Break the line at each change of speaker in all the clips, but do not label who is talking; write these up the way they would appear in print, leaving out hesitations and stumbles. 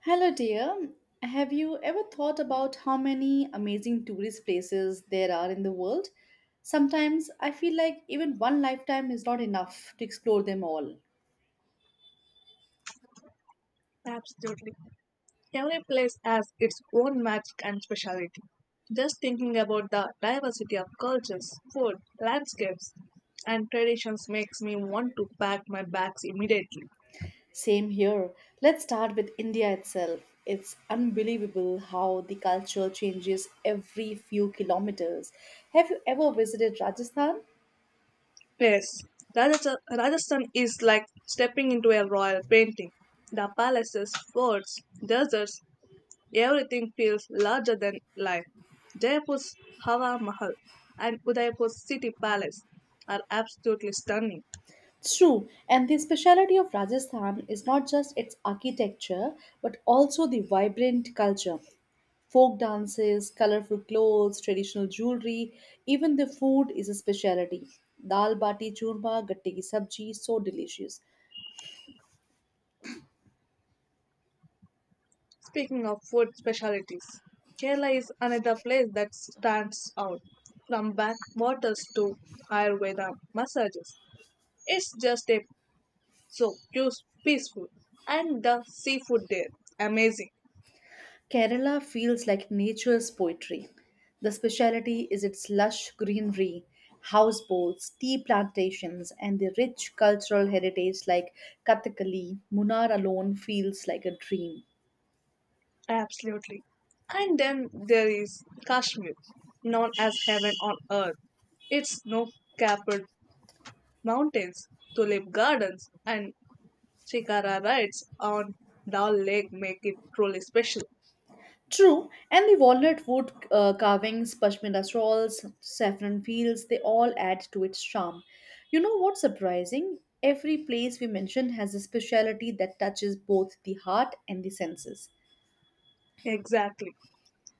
Hello, dear. Have you ever thought about how many amazing tourist places there are in the world? Sometimes I feel like even one lifetime is not enough to explore them all.
Absolutely. Every place has its own magic and speciality. Just thinking about the diversity of cultures, food, landscapes, and traditions makes me want to pack my bags immediately.
Same here. Let's start with India itself. It's unbelievable how the culture changes every few kilometers. Have you ever visited Rajasthan?
Yes, Rajasthan is like stepping into a royal painting. The palaces, forts, deserts, everything feels larger than life. Jaipur's Hawa Mahal and Udaipur's city palace are absolutely stunning.
It's true, and the speciality of Rajasthan is not just its architecture but also the vibrant culture. Folk dances, colorful clothes, traditional jewelry, even the food is a speciality. Dal bati churma, gatte ki sabji, so delicious.
Speaking of food specialities, Kerala is another place that stands out. From backwaters to Ayurveda massages, it's just a so peaceful, and the seafood there amazing.
Kerala feels like nature's poetry. The speciality is its lush greenery, houseboats, tea plantations, and the rich cultural heritage like Kathakali. Munnar alone feels like a dream.
Absolutely. And then there is Kashmir, known as heaven on earth. Its snow-capped mountains, tulip gardens, and shikara rides on Dal Lake make it truly special.
True, and the walnut wood carvings, pashmina shawls, saffron fields, they all add to its charm. You know what's surprising? Every place we mention has a speciality that touches both the heart and the senses.
Exactly.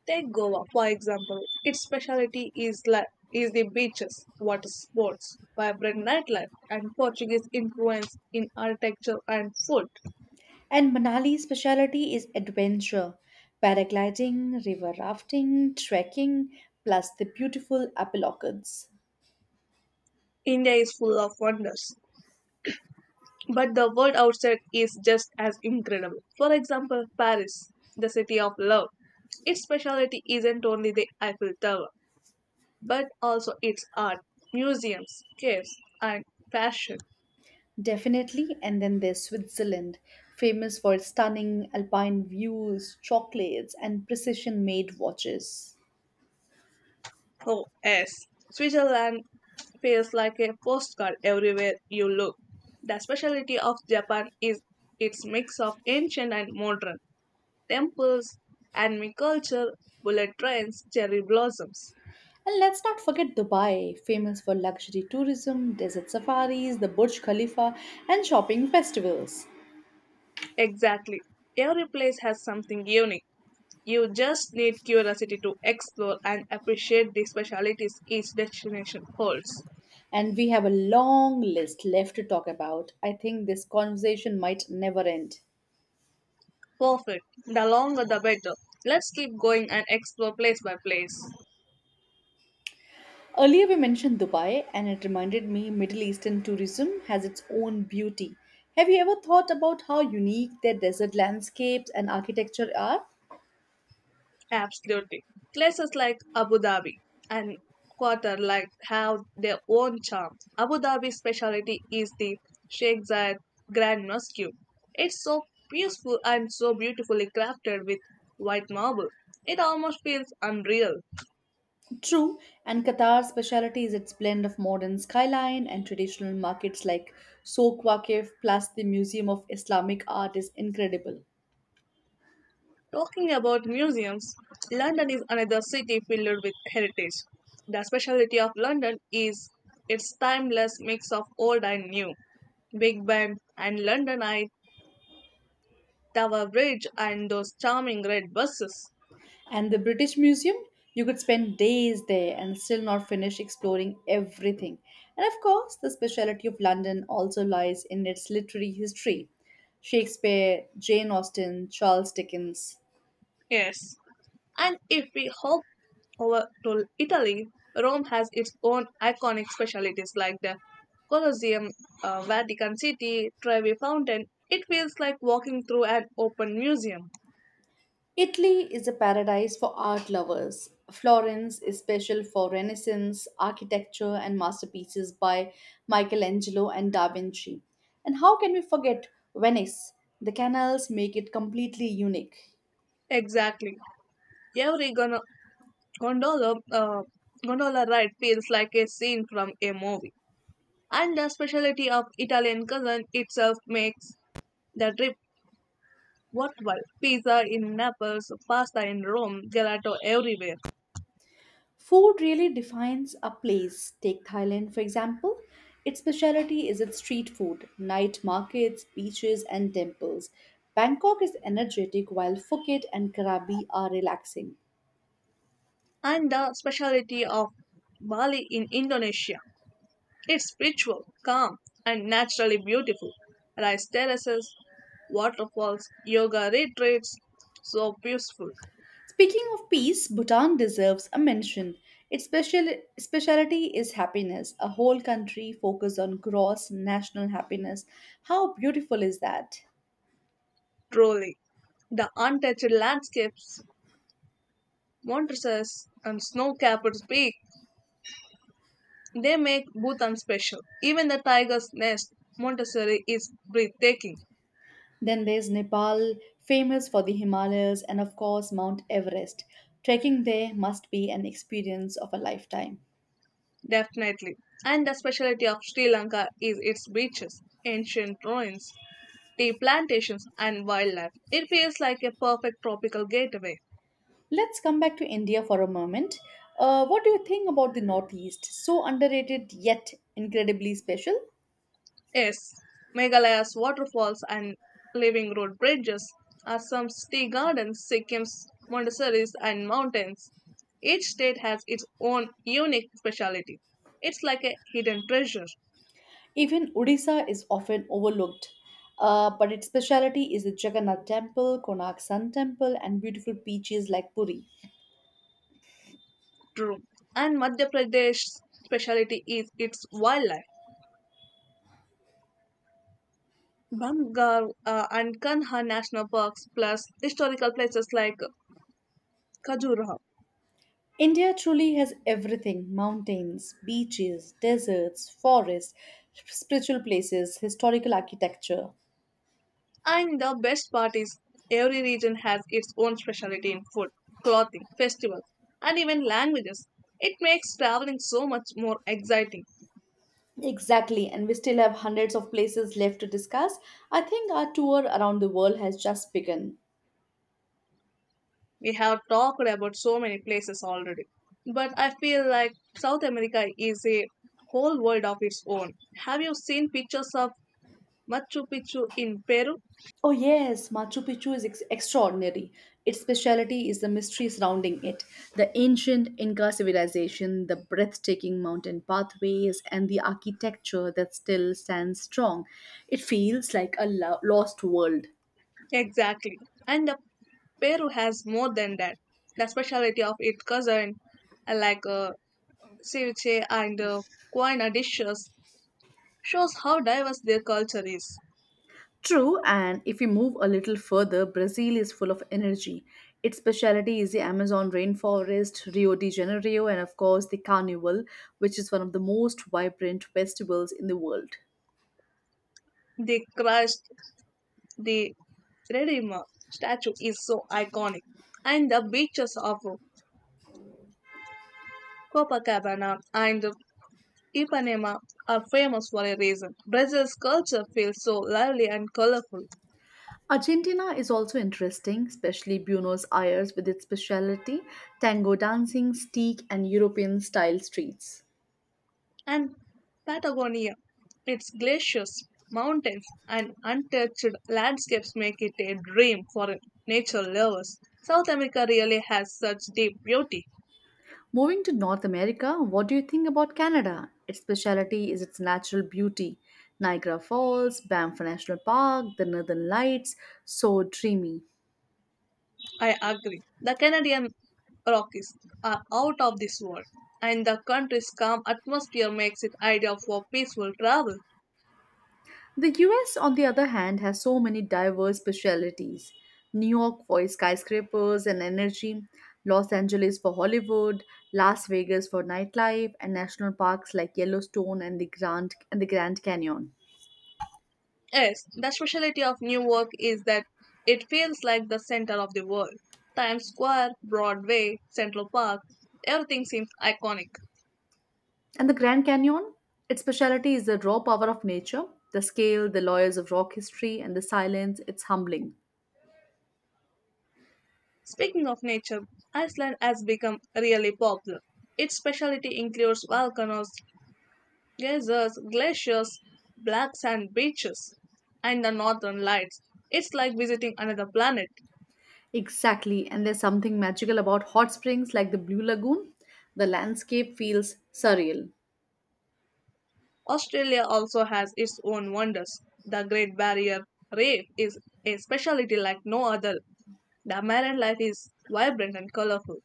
Take Goa, for example. Its specialty is the beaches, water sports, vibrant nightlife, and Portuguese influence in architecture and food.
And Manali's speciality is adventure paragliding, river rafting, trekking, plus the beautiful apple orchards.
India is full of wonders, but the world outside is just as incredible. For example, Paris, the city of love. Its specialty isn't only the Eiffel Tower, but also its art, museums, caves, and fashion.
Definitely. And then there's Switzerland, famous for its stunning alpine views, chocolates, and precision made watches.
Oh, yes. Switzerland feels like a postcard everywhere you look. The specialty of Japan is its mix of ancient and modern temples, anime culture, bullet trains, cherry blossoms.
And let's not forget Dubai, famous for luxury tourism, desert safaris, the Burj Khalifa, and shopping festivals.
Exactly. Every place has something unique. You just need curiosity to explore and appreciate the specialities each destination holds.
And we have a long list left to talk about. I think this conversation might never end.
Perfect. The longer the better. Let's keep going and explore place by place.
Earlier we mentioned Dubai and it reminded me Middle Eastern tourism has its own beauty. Have you ever thought about how unique their desert landscapes and architecture are?
Absolutely. Places like Abu Dhabi and Qatar like have their own charm. Abu Dhabi's specialty is the Sheikh Zayed Grand Mosque. It's so peaceful and so beautifully crafted with white marble. It almost feels unreal.
True, and Qatar's speciality is its blend of modern skyline and traditional markets like Souq Waqif, plus the Museum of Islamic Art is incredible.
Talking about museums, London is another city filled with heritage. The specialty of London is its timeless mix of old and new. Big Ben and Londonite Tower Bridge and those charming red buses.
And the British Museum, you could spend days there and still not finish exploring everything. And of course, the speciality of London also lies in its literary history: Shakespeare, Jane Austen, Charles Dickens.
Yes, and if we hop over to Italy, Rome has its own iconic specialities like the Colosseum, Vatican City, Trevi Fountain. It feels like walking through an open museum.
Italy is a paradise for art lovers. Florence is special for Renaissance architecture and masterpieces by Michelangelo and Da Vinci. And how can we forget Venice? The canals make it completely unique.
Exactly. Every gondola, uh, gondola ride feels like a scene from a movie. And the specialty of Italian cuisine itself makes the trip worldwide. Pizza in Naples, pasta in Rome, gelato everywhere.
Food really defines a place. Take Thailand, for example. Its specialty is its street food, night markets, beaches, and temples. Bangkok is energetic, while Phuket and Krabi are relaxing.
And the speciality of Bali in Indonesia. It's spiritual, calm, and naturally beautiful. Rice terraces, waterfalls, yoga retreats. So beautiful,
Speaking of peace, Bhutan deserves a mention. Its specialty is happiness. A whole country focused on gross national happiness. How beautiful is that?
truly. The untouched landscapes, mountains, and snow-capped peaks, they make Bhutan special. Even the tiger's nest, Montessori, is breathtaking.
Then there's Nepal, famous for the Himalayas and, of course, Mount Everest. Trekking there must be an experience of a lifetime.
Definitely. And the specialty of Sri Lanka is its beaches, ancient ruins, tea plantations, and wildlife. It feels like a perfect tropical gateway.
Let's come back to India for a moment. What do you think about the Northeast? So underrated yet incredibly special.
Yes, Meghalaya's waterfalls and living road bridges, Assam's tea gardens, Sikkim's Montessori's, and mountains. Each state has its own unique specialty. It's like a hidden treasure.
Even Odisha is often overlooked, but its speciality is the Jagannath Temple, Konark Sun Temple, and beautiful beaches like Puri.
True. And Madhya Pradesh's specialty is its wildlife. Bamgar and Kanha National Parks, plus historical places like Khajuraho.
India truly has everything: mountains, beaches, deserts, forests, spiritual places, historical architecture.
And the best part is, every region has its own specialty in food, clothing, festivals, and even languages. It makes traveling so much more exciting.
Exactly, and we still have hundreds of places left to discuss. I think our tour around the world has just begun.
We have talked about so many places already, but I feel like South America is a whole world of its own. Have you seen pictures of Machu Picchu in Peru?
Oh, yes, Machu Picchu is extraordinary. Its speciality is the mystery surrounding it, the ancient Inca civilization, the breathtaking mountain pathways, and the architecture that still stands strong. It feels like a lost world.
Exactly. And the Peru has more than that. The specialty of its cousin, uh, like uh, ceviche and quinoa dishes, shows how diverse their culture is.
True, and if we move a little further, Brazil is full of energy. Its specialty is the Amazon rainforest, Rio de Janeiro, and of course the Carnival, which is one of the most vibrant festivals in the world.
The Christ the Redeemer statue is so iconic, and the beaches of Copacabana and Ipanema are famous for a reason. Brazil's culture feels so lively and colorful.
Argentina is also interesting, especially Buenos Aires with its specialty: tango dancing, steak, and European style streets.
And Patagonia, its glaciers, mountains, and untouched landscapes make it a dream for nature lovers. South America really has such deep beauty.
Moving to North America, what do you think about Canada? Its speciality is its natural beauty. Niagara Falls, Banff National Park, the Northern Lights, so dreamy.
I agree. The Canadian Rockies are out of this world, and the country's calm atmosphere makes it ideal for peaceful travel.
The US, on the other hand, has so many diverse specialties. New York for its skyscrapers and energy, Los Angeles for Hollywood, Las Vegas for nightlife, and national parks like Yellowstone and the Grand Canyon.
Yes, the specialty of New York is that it feels like the center of the world. Times Square, Broadway, Central Park, everything seems iconic.
And the Grand Canyon, its specialty is the raw power of nature, the scale, the layers of rock history, and the silence. It's humbling.
Speaking of nature, Iceland has become really popular. Its specialty includes volcanoes, geysers, glaciers, black sand beaches, and the northern lights. It's like visiting another planet.
Exactly, and there's something magical about hot springs like the Blue Lagoon. The landscape feels surreal.
Australia also has its own wonders. The Great Barrier Reef is a specialty like no other. The marine life is vibrant and colorful.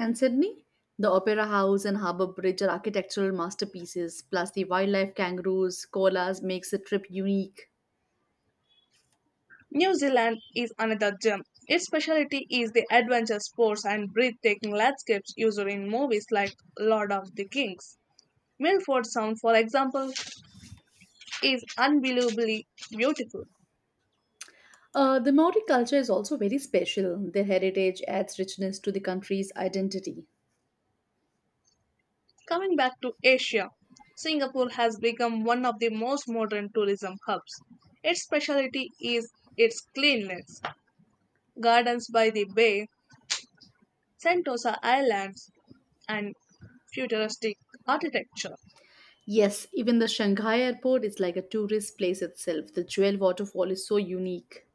And Sydney, the Opera House and Harbour Bridge are architectural masterpieces, plus the wildlife, kangaroos, koalas, makes the trip unique.
New Zealand is another gem. Its specialty is the adventure sports and breathtaking landscapes used in movies like Lord of the Kings. Milford Sound, for example, is unbelievably beautiful.
The Maori culture is also very special. Their heritage adds richness to the country's identity.
Coming back to Asia, Singapore has become one of the most modern tourism hubs. Its specialty is its cleanliness. Gardens by the bay, Sentosa Islands, and futuristic architecture.
Yes, even the Shanghai airport is like a tourist place itself. The Jewel waterfall is so unique.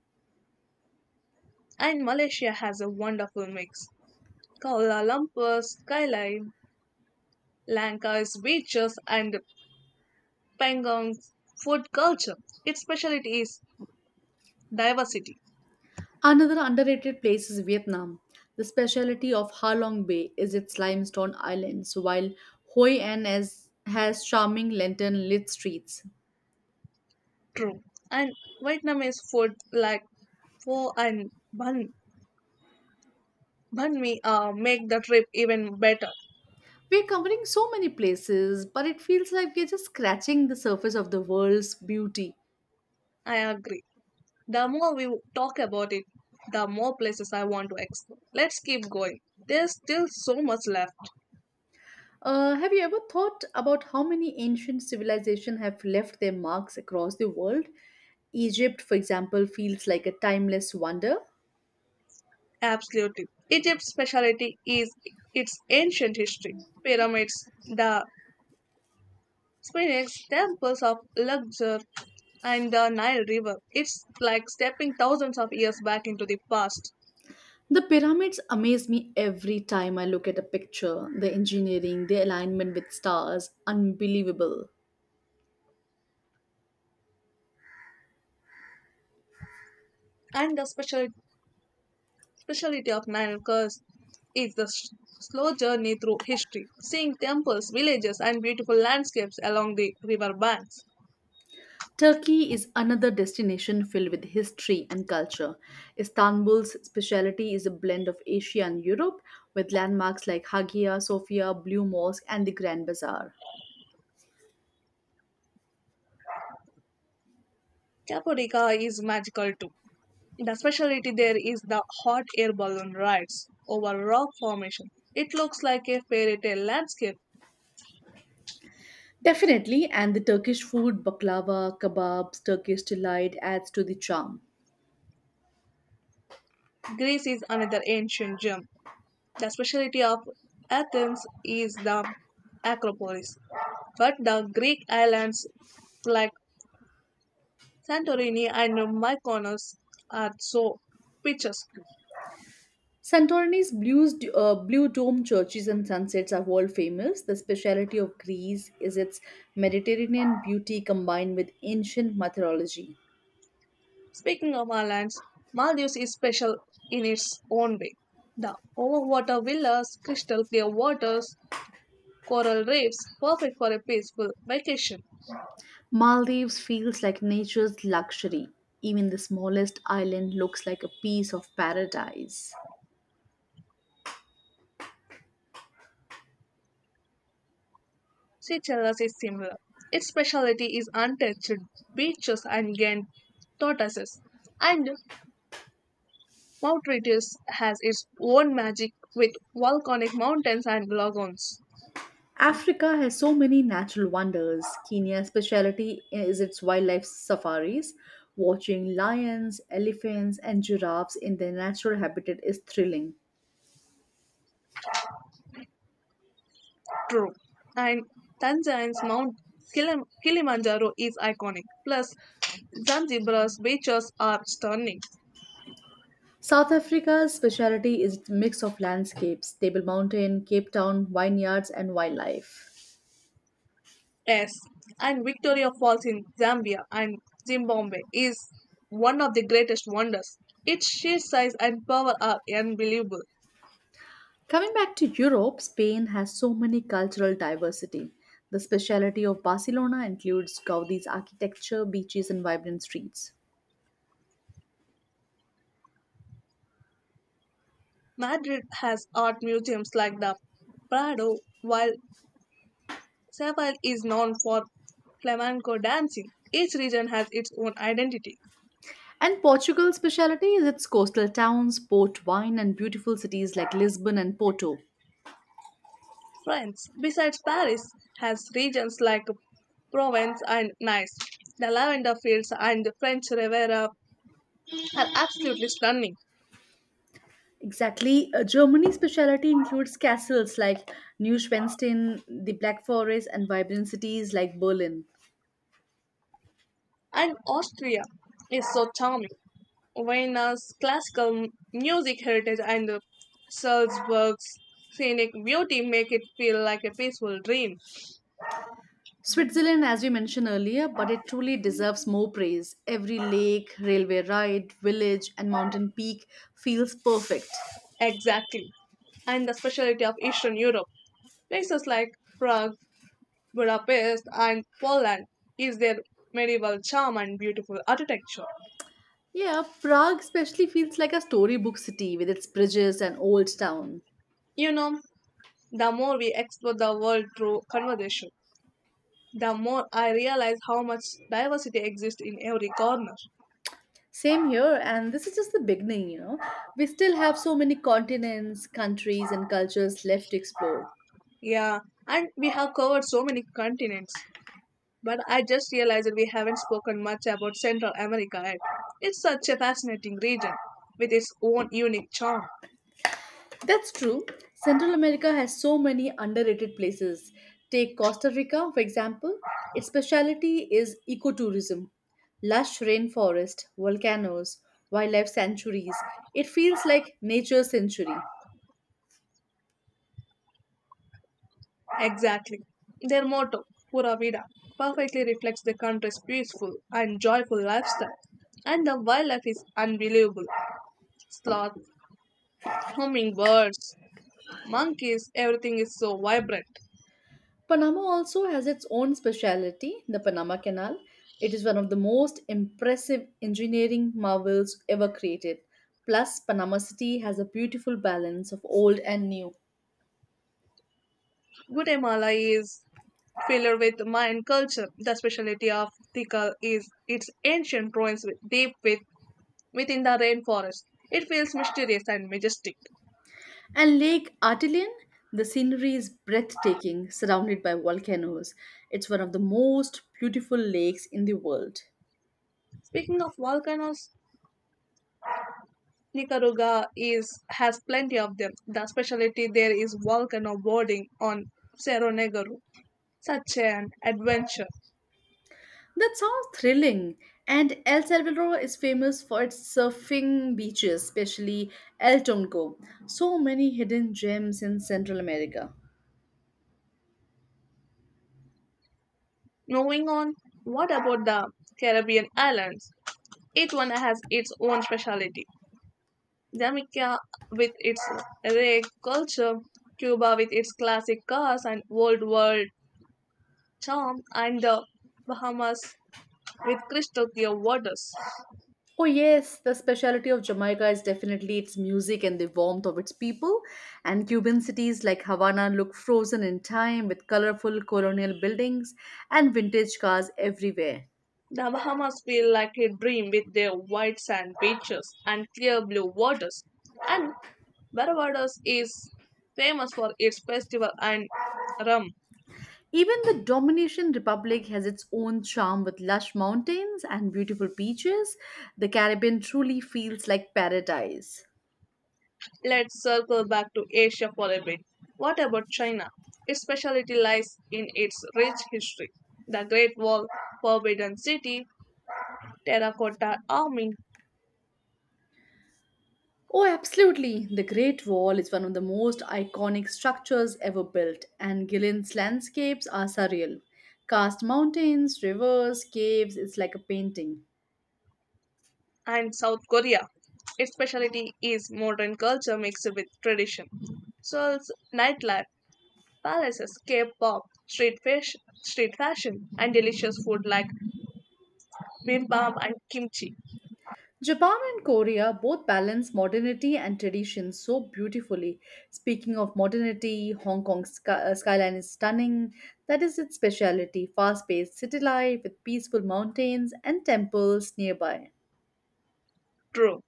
And Malaysia has a wonderful mix. Kuala Lumpur's skyline, Lanka's beaches, and Pangong's food culture. Its specialty is diversity.
Another underrated place is Vietnam. The specialty of Ha Long Bay is its limestone islands, while Hoi An has charming lantern lit streets.
True. And Vietnamese food like pho and banh, banh mi make the trip even better.
We're covering so many places, but it feels like we're just scratching the surface of the world's beauty.
I agree. The more we talk about it, the more places I want to explore. Let's keep going. There's still so much left.
Have you ever thought about how many ancient civilizations have left their marks across the world? Egypt, for example, feels like a timeless wonder.
Absolutely. Egypt's specialty is its ancient history. Pyramids, the Spain temples of Luxor and the Nile River. It's like stepping thousands of years back into the past.
The pyramids amaze me every time I look at a picture. The engineering, the alignment with stars, unbelievable.
And the speciality of Nile curse is the slow journey through history, seeing temples, villages, and beautiful landscapes along the river banks.
Turkey is another destination filled with history and culture. Istanbul's speciality is a blend of Asia and Europe, with landmarks like Hagia Sophia, Blue Mosque, and the Grand Bazaar.
Capodica is magical too. The speciality there is the hot air balloon rides over rock formation. It looks like a fairy tale landscape.
Definitely, and the Turkish food, baklava, kebabs, Turkish delight, adds to the charm.
Greece is another ancient gem. The specialty of Athens is the Acropolis, but the Greek islands like Santorini and Mykonos are so picturesque.
Santorini's blue dome churches and sunsets are world famous. The speciality of Greece is its Mediterranean beauty combined with ancient mythology.
Speaking of islands, Maldives is special in its own way. The overwater villas, crystal clear waters, coral reefs, perfect for a peaceful vacation.
Maldives feels like nature's luxury. Even the smallest island looks like a piece of paradise.
Seychelles is similar. Its specialty is untouched beaches and giant tortoises, and Mount Retius has its own magic with volcanic mountains and lagoons.
Africa has so many natural wonders. Kenya's specialty is its wildlife safaris. Watching lions, elephants, and giraffes in their natural habitat is thrilling.
True. And Tanzania's Mount Kilimanjaro is iconic. Plus, Zanzibar's beaches are stunning.
South Africa's specialty is its mix of landscapes, Table Mountain, Cape Town, vineyards, and wildlife.
Yes. And Victoria Falls in Zambia and Zimbabwe is one of the greatest wonders. Its sheer size and power are unbelievable.
Coming back to Europe, Spain has so many cultural diversity. The specialty of Barcelona includes Gaudi's architecture, beaches, and vibrant streets.
Madrid has art museums like the Prado, while Seville is known for flamenco dancing. Each region has its own identity.
And Portugal's speciality is its coastal towns, port wine, and beautiful cities like Lisbon and Porto.
France, besides Paris, has regions like Provence and Nice. The lavender fields and the French Riviera are absolutely stunning.
Exactly. Germany's speciality includes castles like Neuschwanstein, the Black Forest, and vibrant cities like Berlin.
And Austria is so charming. Vienna's classical music heritage and Salzburg's scenic beauty make it feel like a peaceful dream.
Switzerland, as we mentioned earlier, but it truly deserves more praise. Every lake, railway ride, village, and mountain peak feels perfect.
Exactly. And the specialty of Eastern Europe, places like Prague, Budapest, and Poland, is their medieval charm and beautiful architecture.
Yeah, Prague especially feels like a storybook city with its bridges and old town.
You know, the more we explore the world through conversation, the more I realize how much diversity exists in every corner.
Same here, and this is just the beginning, you know. We still have so many continents, countries, and cultures left to explore.
Yeah, and we have covered so many continents. But I just realized that we haven't spoken much about Central America yet. It's such a fascinating region with its own unique charm.
That's true. Central America has so many underrated places. Take Costa Rica, for example. Its specialty is ecotourism: lush rainforest, volcanoes, wildlife sanctuaries. It feels like nature's century.
Exactly. Their motto, Pura Vida, perfectly reflects the country's peaceful and joyful lifestyle. And the wildlife is unbelievable. Sloth, hummingbirds, monkeys, everything is so vibrant.
Panama also has its own speciality, the Panama Canal. It is one of the most impressive engineering marvels ever created. Plus, Panama City has a beautiful balance of old and new.
Guatemala is filled with Mayan culture. The specialty of Tikal is its ancient ruins deep within the rainforest. It feels mysterious and majestic.
And Lake Artelian, the scenery is breathtaking, surrounded by volcanoes. It's one of the most beautiful lakes in the world.
Speaking of volcanoes, Nicaragua is has plenty of them. The specialty there is volcano boarding on Cerro Negro. Such an adventure.
That sounds thrilling. And El Salvador is famous for its surfing beaches, especially El Tonco. So many hidden gems in Central America.
Moving on, what about the Caribbean islands? Each one has its own specialty. Jamaica with its reggae culture, Cuba with its classic cars and old world charm, and the Bahamas with crystal clear waters.
Oh, yes, the specialty of Jamaica is definitely its music and the warmth of its people. And Cuban cities like Havana look frozen in time with colorful colonial buildings and vintage cars everywhere.
The Bahamas feel like a dream with their white sand beaches and clear blue waters. And Barbados is famous for its festival and rum.
Even the Dominican Republic has its own charm with lush mountains and beautiful beaches. The Caribbean truly feels like paradise.
Let's circle back to Asia for a bit. What about China? Its specialty lies in its rich history. The Great Wall, Forbidden City, Terracotta Army,
Oh, absolutely. The Great Wall is one of the most iconic structures ever built, and Gillian's landscapes are surreal. Cast mountains, rivers, caves, it's like a painting.
and South Korea. Its specialty is modern culture mixed with tradition. Seoul's nightlife palaces, K-pop, street fashion, and delicious food like bibimbap and kimchi.
Japan and Korea both balance modernity and tradition so beautifully. Speaking of modernity, Hong Kong's skyline is stunning. That is its speciality: fast paced city life with peaceful mountains and temples nearby.
True.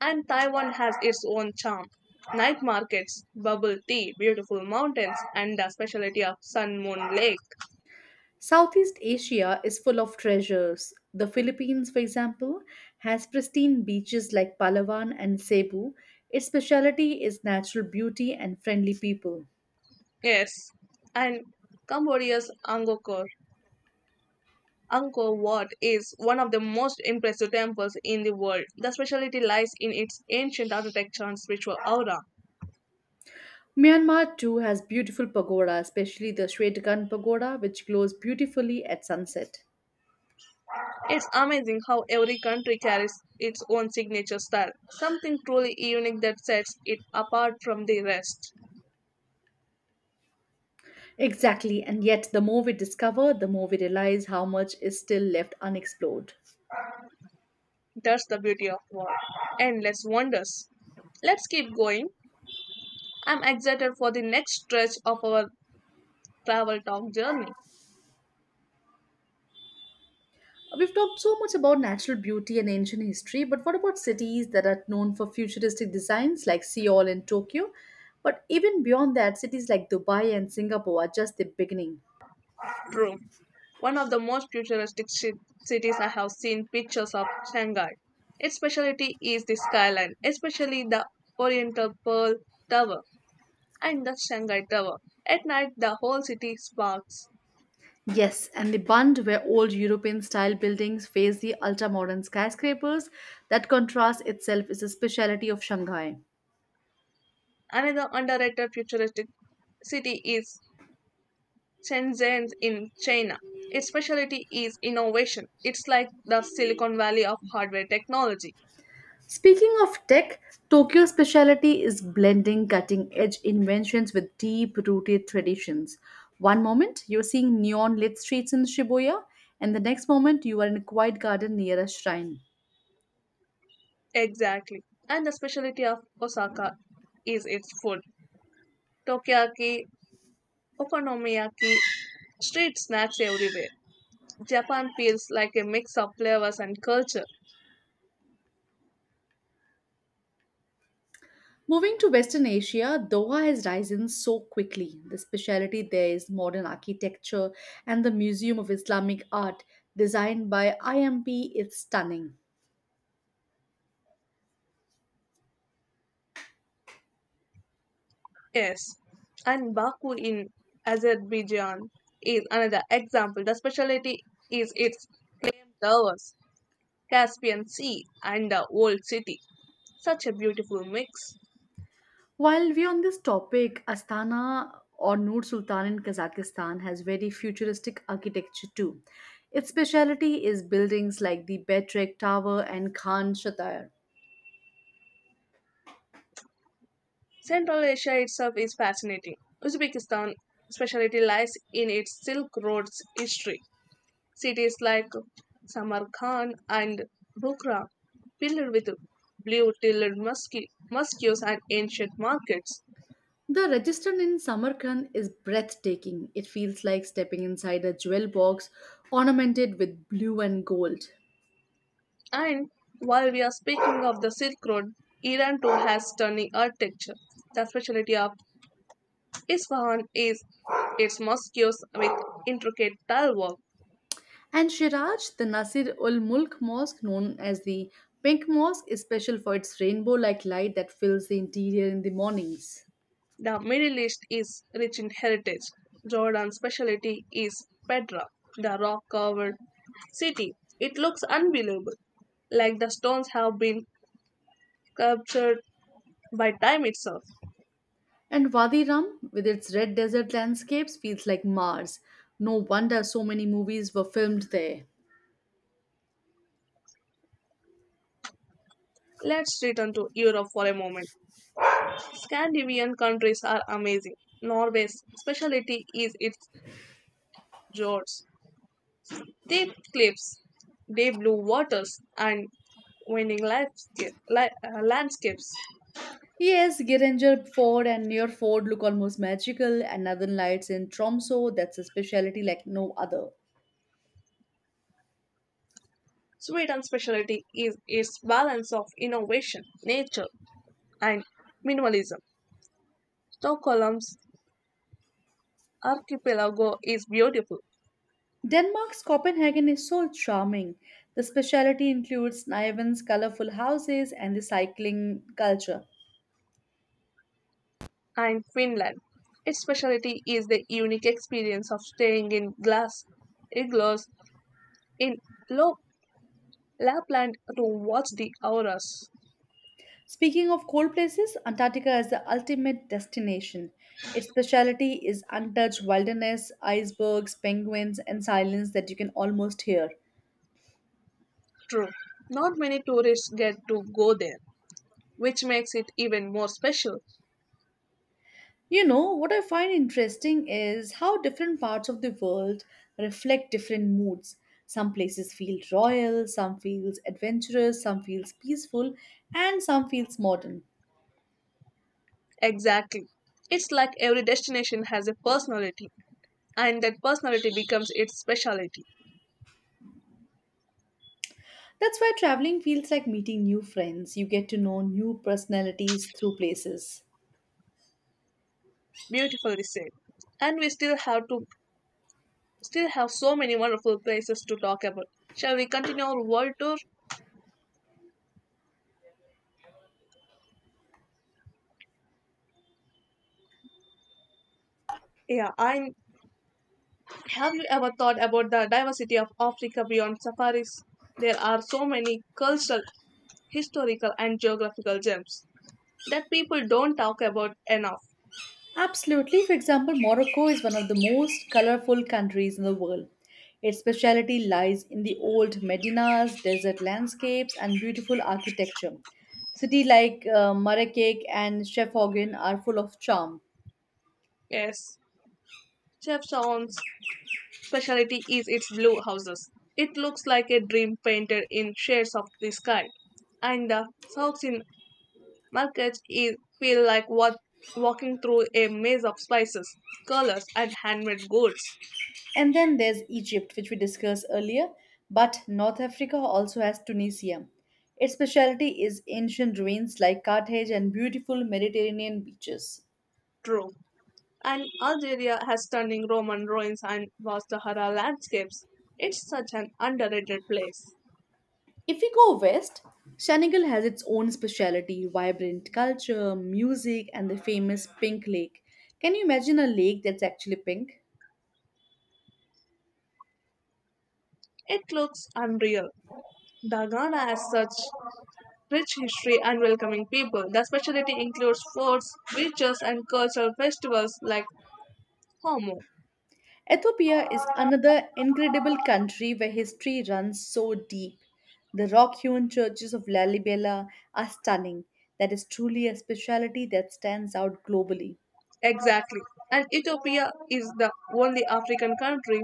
And Taiwan has its own charm. Night markets, bubble tea, beautiful mountains, and the specialty of Sun Moon Lake.
Southeast Asia is full of treasures. The Philippines, for example, has pristine beaches like Palawan and Cebu. Its speciality is natural beauty and friendly people.
Yes. And Cambodia's Angkor Wat is one of the most impressive temples in the world. The specialty lies in its ancient architecture and spiritual aura.
Myanmar too has beautiful pagoda, especially the Shwedagon pagoda, which glows beautifully at sunset.
It's amazing how every country carries its own signature style, something truly unique that sets it apart from the rest.
Exactly, and yet the more we discover, the more we realize how much is still left unexplored.
That's the beauty of war. Endless wonders. Let's keep going. I'm excited for the next stretch of our travel talk journey.
We've talked so much about natural beauty and ancient history, but what about cities that are known for futuristic designs like Seoul and Tokyo? But even beyond that, cities like Dubai and Singapore are just the beginning.
True. One of the most futuristic cities I have seen pictures of Shanghai. Its specialty is the skyline, especially the Oriental Pearl Tower and the Shanghai Tower. At night, the whole city sparks.
Yes, and the Bund, where old European style buildings face the ultra modern skyscrapers, that contrast itself is a specialty of Shanghai.
Another underrated futuristic city is Shenzhen in China. Its specialty is innovation. It's like the Silicon Valley of hardware technology.
Speaking of tech, Tokyo's specialty is blending cutting edge inventions with deep rooted traditions. One moment you're seeing neon lit streets in Shibuya, and the next moment you are in a quiet garden near a shrine.
Exactly. And the specialty of Osaka is its food. Takoyaki, okonomiyaki, street snacks everywhere. Japan feels like a mix of flavors and culture.
Moving to Western Asia, Doha has risen so quickly. The specialty there is modern architecture and the Museum of Islamic Art designed by IMP is stunning.
Yes, and Baku in Azerbaijan is another example. The specialty is its flame towers, Caspian Sea, and the Old City. Such a beautiful mix.
While we're on this topic, Astana or Nur Sultan in Kazakhstan has very futuristic architecture too. Its specialty is buildings like the Betrek Tower and Khan Shatayr.
Central Asia itself is fascinating. Uzbekistan specialty lies in its Silk Road's history. Cities like Samarkand and Bukhara, filled with blue-tilled mosques and ancient markets.
The register in Samarkand is breathtaking. It feels like stepping inside a jewel box ornamented with blue and gold.
And while we are speaking of the Silk Road, Iran too has stunning architecture. The specialty of Isfahan is its mosques with intricate tile work.
And Shiraj, the Nasir ul Mulk Mosque, known as the Pink Mosque, is special for its rainbow like light that fills the interior in the mornings.
The Middle East is rich in heritage. Jordan's specialty is Petra, the rock covered city. It looks unbelievable, like the stones have been captured by time itself.
And Wadi Rum, with its red desert landscapes, feels like Mars. No wonder so many movies were filmed there.
Let's return to Europe for a moment. Scandinavian countries are amazing. Norway's specialty is its fjords, deep cliffs, deep blue waters, and winning landscapes.
Yes, Geringer Ford and near Ford look almost magical, and Northern Lights in Tromso, that's a specialty like no other.
Sweden's specialty is its balance of innovation, nature, and minimalism. Stockholm's archipelago is beautiful,
Denmark's Copenhagen is so charming. The specialty includes Niven's colorful houses and the cycling culture.
and Finland. Its specialty is the unique experience of staying in glass igloos in low Lapland to watch the auroras.
Speaking of cold places, Antarctica is the ultimate destination. Its specialty is untouched wilderness, icebergs, penguins, and silence that you can almost hear.
True, not many tourists get to go there, which makes it even more special.
You know what I find interesting is how different parts of the world reflect different moods. Some places feel royal, some feels adventurous, some feels peaceful, and some feels modern.
Exactly. It's like every destination has a personality, and that personality becomes its specialty.
That's why traveling feels like meeting new friends. You get to know new personalities through places.
Beautifully said. And we still have so many wonderful places to talk about. Shall we continue our world tour? Yeah, I have you ever thought about the diversity of Africa beyond safaris? There are so many cultural historical and geographical gems that people don't talk about enough.
Absolutely. For example, Morocco is one of the most colorful countries in the world. Its speciality lies in the old medinas, desert landscapes, and beautiful architecture. Cities like Marrakech and Chefaugen are full of charm.
Yes, Chef Saun's specialty is its blue houses. It looks like a dream painted in shades of the sky, and the souks in markets is, feel like what walking through a maze of spices, colors, and handmade goods.
And then there's Egypt, which we discussed earlier, but North Africa also has Tunisia. Its specialty is ancient ruins like Carthage and beautiful Mediterranean beaches.
True. And Algeria has stunning Roman ruins and vast Sahara landscapes. It's such an underrated place.
If we go west, Senegal has its own speciality vibrant culture, music, and the famous Pink Lake. Can you imagine a lake that's actually pink?
It looks unreal. The Ghana has such rich history and welcoming people. The specialty includes forts, beaches, and cultural festivals like Homo.
Ethiopia is another incredible country where history runs so deep. The rock hewn churches of Lalibela are stunning. That is truly a speciality that stands out globally.
Exactly. And Ethiopia is the only African country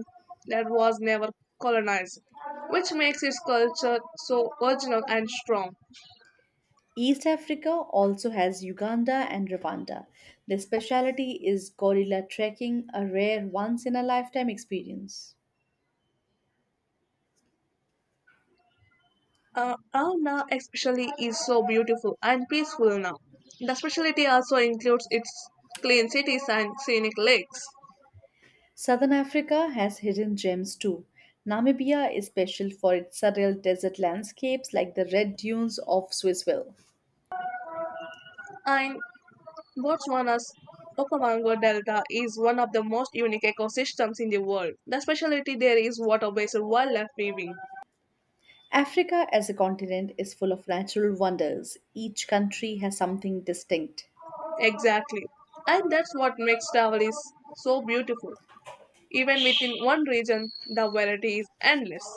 that was never colonized, which makes its culture so original and strong.
East Africa also has Uganda and Rwanda. Their speciality is gorilla trekking, a rare once in a lifetime experience.
Ghana especially is so beautiful and peaceful now. The specialty also includes its clean cities and scenic lakes.
Southern Africa has hidden gems too. Namibia is special for its surreal desert landscapes like the red dunes of Swissville.
And Botswana's Okavango Delta is one of the most unique ecosystems in the world. The specialty there is water-based wildlife weaving.
Africa as a continent is full of natural wonders. Each country has something distinct.
Exactly. And that's what makes travel is so beautiful. Even within one region, the variety is endless.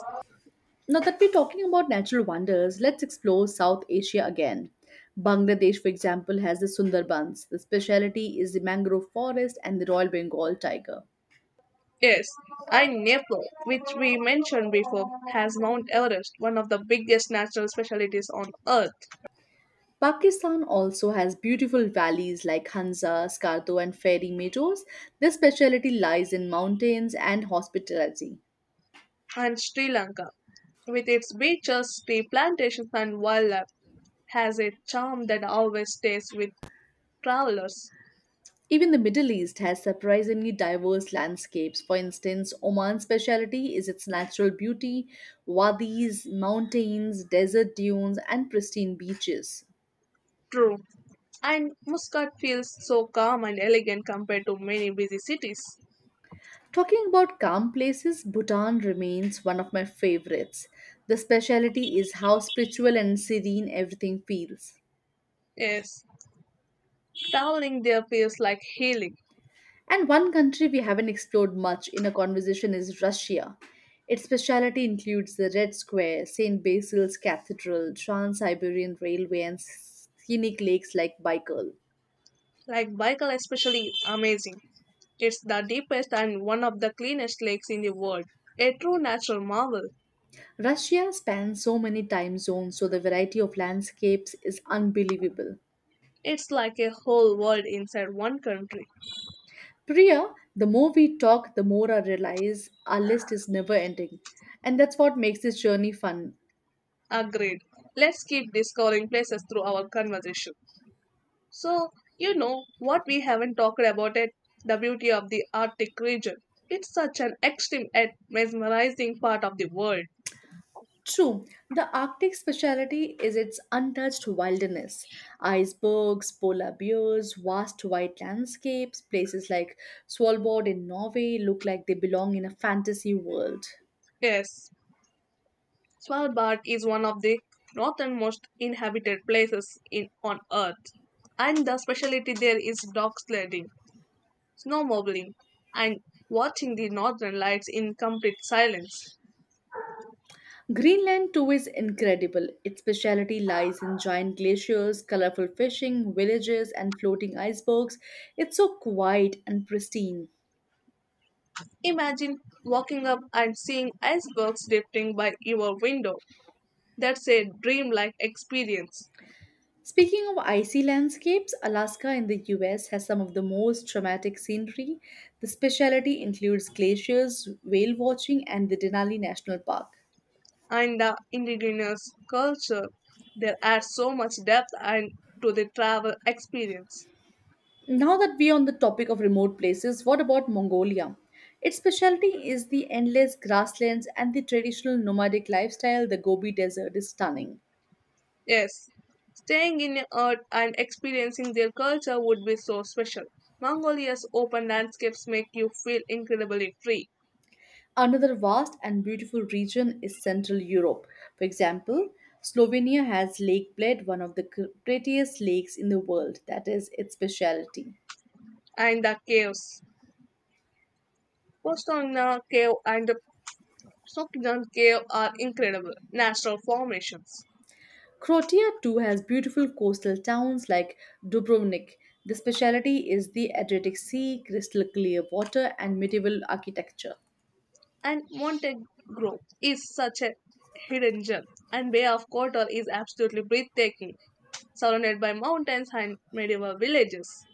Now that we're talking about natural wonders, let's explore South Asia again. Bangladesh, for example, has the Sundarbans. The speciality is the mangrove forest and the Royal Bengal tiger.
Yes, and Nepal, which we mentioned before, has Mount Everest, one of the biggest natural specialties on earth,
Pakistan also has beautiful valleys like Hansa, Skardu, and Fairy Meadows. Their speciality lies in mountains and hospitality.
and Sri Lanka, with its beaches, tea plantations, and wildlife, has a charm that always stays with travelers.
Even the Middle East has surprisingly diverse landscapes. For instance, Oman's speciality is its natural beauty, wadis, mountains, desert dunes, and pristine beaches.
True. And Muscat feels so calm and elegant compared to many busy cities.
Talking about calm places, Bhutan remains one of my favorites. The speciality is how spiritual and serene everything feels.
Yes. Traveling there feels like healing.
And one country we haven't explored much in a conversation is Russia. Its speciality includes the Red Square, St. Basil's Cathedral, Trans Siberian Railway, and scenic lakes like Baikal.
Like Baikal especially amazing. It's the deepest and one of the cleanest lakes in the world. A true natural marvel.
Russia spans so many time zones, so the variety of landscapes is unbelievable.
It's like a whole world inside one country.
Priya, the more we talk, the more I realize our list is never ending. And that's what makes this journey fun.
Agreed. Let's keep discovering places through our conversation. So, you know what we haven't talked about it? The beauty of the Arctic region. It's such an extreme and mesmerizing part of the world.
True, the Arctic speciality is its untouched wilderness. Icebergs, polar bears, vast white landscapes, places like Svalbard in Norway look like they belong in a fantasy world.
Yes, Svalbard is one of the northernmost inhabited places in on Earth. And the specialty there is dog sledding, snowmobiling, and watching the northern lights in complete silence.
Greenland too is incredible. Its speciality lies in giant glaciers, colorful fishing, villages, and floating icebergs. It's so quiet and pristine.
Imagine walking up and seeing icebergs drifting by your window. That's a dreamlike experience.
Speaking of icy landscapes, Alaska in the US has some of the most dramatic scenery. The specialty includes glaciers, whale watching, and the Denali National Park.
And the indigenous culture. They add so much depth and to the travel experience.
Now that we're on the topic of remote places, what about Mongolia? Its specialty is the endless grasslands and the traditional nomadic lifestyle. The Gobi Desert is stunning.
Yes, staying in earth and experiencing their culture would be so special. Mongolia's open landscapes make you feel incredibly free,
Another vast and beautiful region is Central Europe. For example, Slovenia has Lake Bled, one of the prettiest lakes in the world. That is its specialty.
and the caves, Postonna Cave and the Sokjan Cave are incredible natural formations.
Croatia too has beautiful coastal towns like Dubrovnik. The specialty is the Adriatic Sea, crystal clear water, and medieval architecture.
And Montegro is such a hidden gem, and Bay of Kotor is absolutely breathtaking, surrounded by mountains and medieval villages.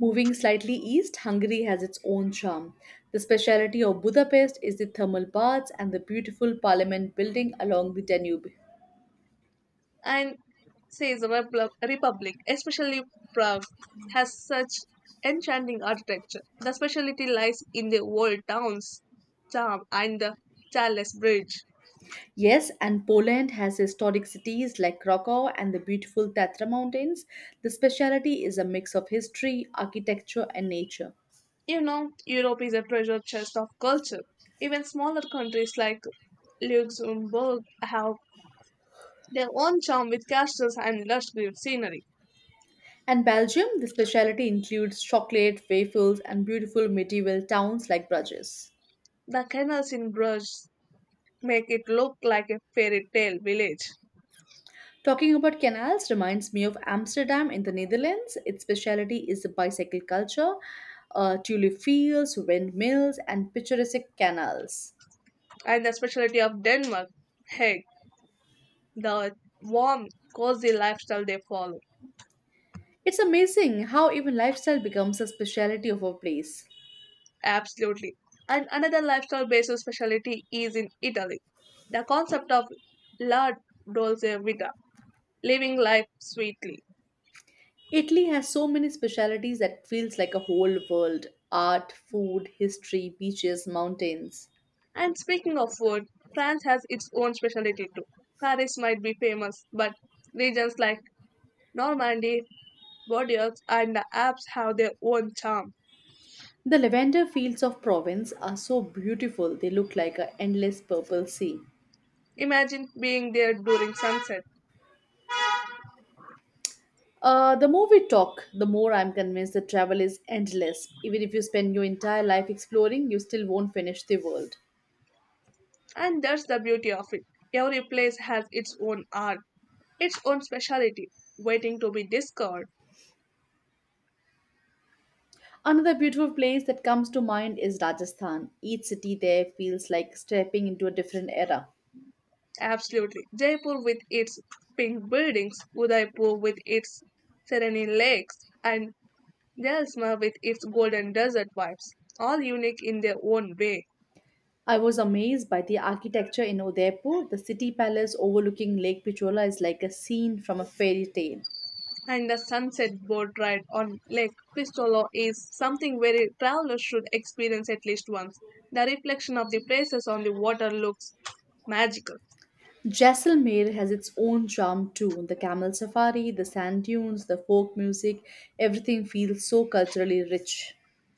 Moving slightly east, Hungary has its own charm. The specialty of Budapest is the thermal baths and the beautiful parliament building along the Danube.
And says the Republic, especially Prague, has such enchanting architecture. The specialty lies in the old town's charm and the Charles Bridge.
Yes, and Poland has historic cities like Krakow and the beautiful Tatra Mountains. The speciality is a mix of history, architecture, and nature.
You know, Europe is a treasure chest of culture. Even smaller countries like Luxembourg have their own charm with castles and lush scenery.
And Belgium, the speciality includes chocolate, waffles, and beautiful medieval towns like Bruges.
The canals in Bruges make it look like a fairy tale village.
Talking about canals reminds me of Amsterdam in the Netherlands. Its speciality is the bicycle culture, tulip fields, windmills, and picturesque canals.
And the specialty of Denmark, Hague, the warm, cozy lifestyle they follow.
It's amazing how even lifestyle becomes a speciality of a place.
Absolutely. And another lifestyle based specialty is in Italy. The concept of la dolce vita, living life sweetly.
Italy has so many specialities that feels like a whole world art, food, history, beaches, mountains.
And speaking of food, France has its own specialty too. Paris might be famous, but regions like Normandy, Bordeaux, and the Alps have their own charm.
The lavender fields of Provence are so beautiful, they look like an endless purple sea.
Imagine being there during sunset.
The more we talk, the more I'm convinced that travel is endless. Even if you spend your entire life exploring, you still won't finish the world.
And that's the beauty of it. Every place has its own art, its own speciality, waiting to be discovered.
Another beautiful place that comes to mind is Rajasthan. Each city there feels like stepping into a different era.
Absolutely. Jaipur with its pink buildings, Udaipur with its serene lakes, and Jaisalmer with its golden desert vibes, all unique in their own way.
I was amazed by the architecture in Udaipur. The city palace overlooking Lake Pichola is like a scene from a fairy tale.
And the sunset boat ride on Lake Cristolo is something very travelers should experience at least once. The reflection of the places on the water looks magical.
Jaisalmer has its own charm too. The camel safari, the sand dunes, the folk music, everything feels so culturally rich.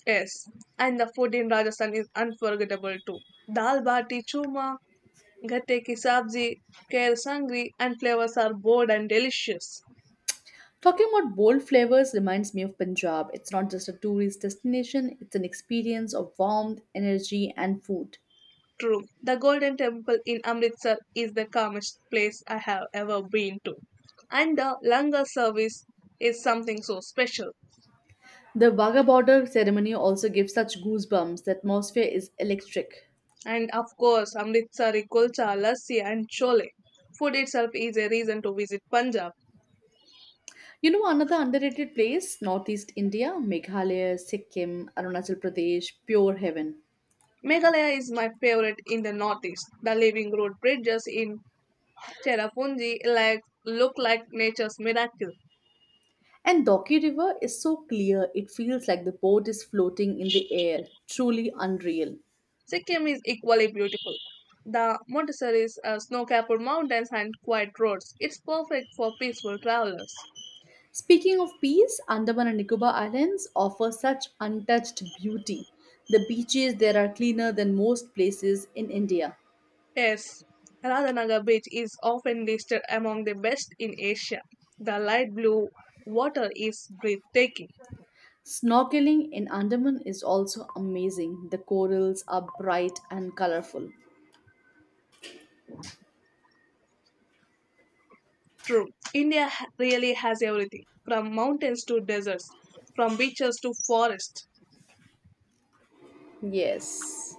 Yes, and the food in Rajasthan is unforgettable too. Dal bati churma, gatte ki sabzi, kher sangri, and flavors are bold and delicious.
Talking about bold flavors reminds me of Punjab. It's not just a tourist destination, it's an experience of warmth, energy, and food.
True, the Golden Temple in Amritsar is the calmest place I have ever been to. And the langar service is something so special.
The Wagah border ceremony also gives such goosebumps. The atmosphere is electric.
And of course, Amritsari kulcha, lassi, and chole. Food itself is a reason to visit Punjab.
You know, another underrated place, Northeast India, Meghalaya, Sikkim, Arunachal Pradesh, pure heaven.
Meghalaya is my favorite in the northeast. The Living Road bridges in Cherrapunji like, look like nature's miracle.
And Doki River is so clear, it feels like the boat is floating in the air, truly unreal.
Sikkim is equally beautiful. The Montessori's snow-capped mountains and quiet roads. It's perfect for peaceful travelers.
Speaking of peace, Andaman and Nicobar Islands offer such untouched beauty. The beaches there are cleaner than most places in India.
Yes, Radhanagar Beach is often listed among the best in Asia. The light blue water is breathtaking.
Snorkeling in Andaman is also amazing. The corals are bright and colorful.
True, India really has everything, from mountains to deserts, from beaches to forests.
Yes.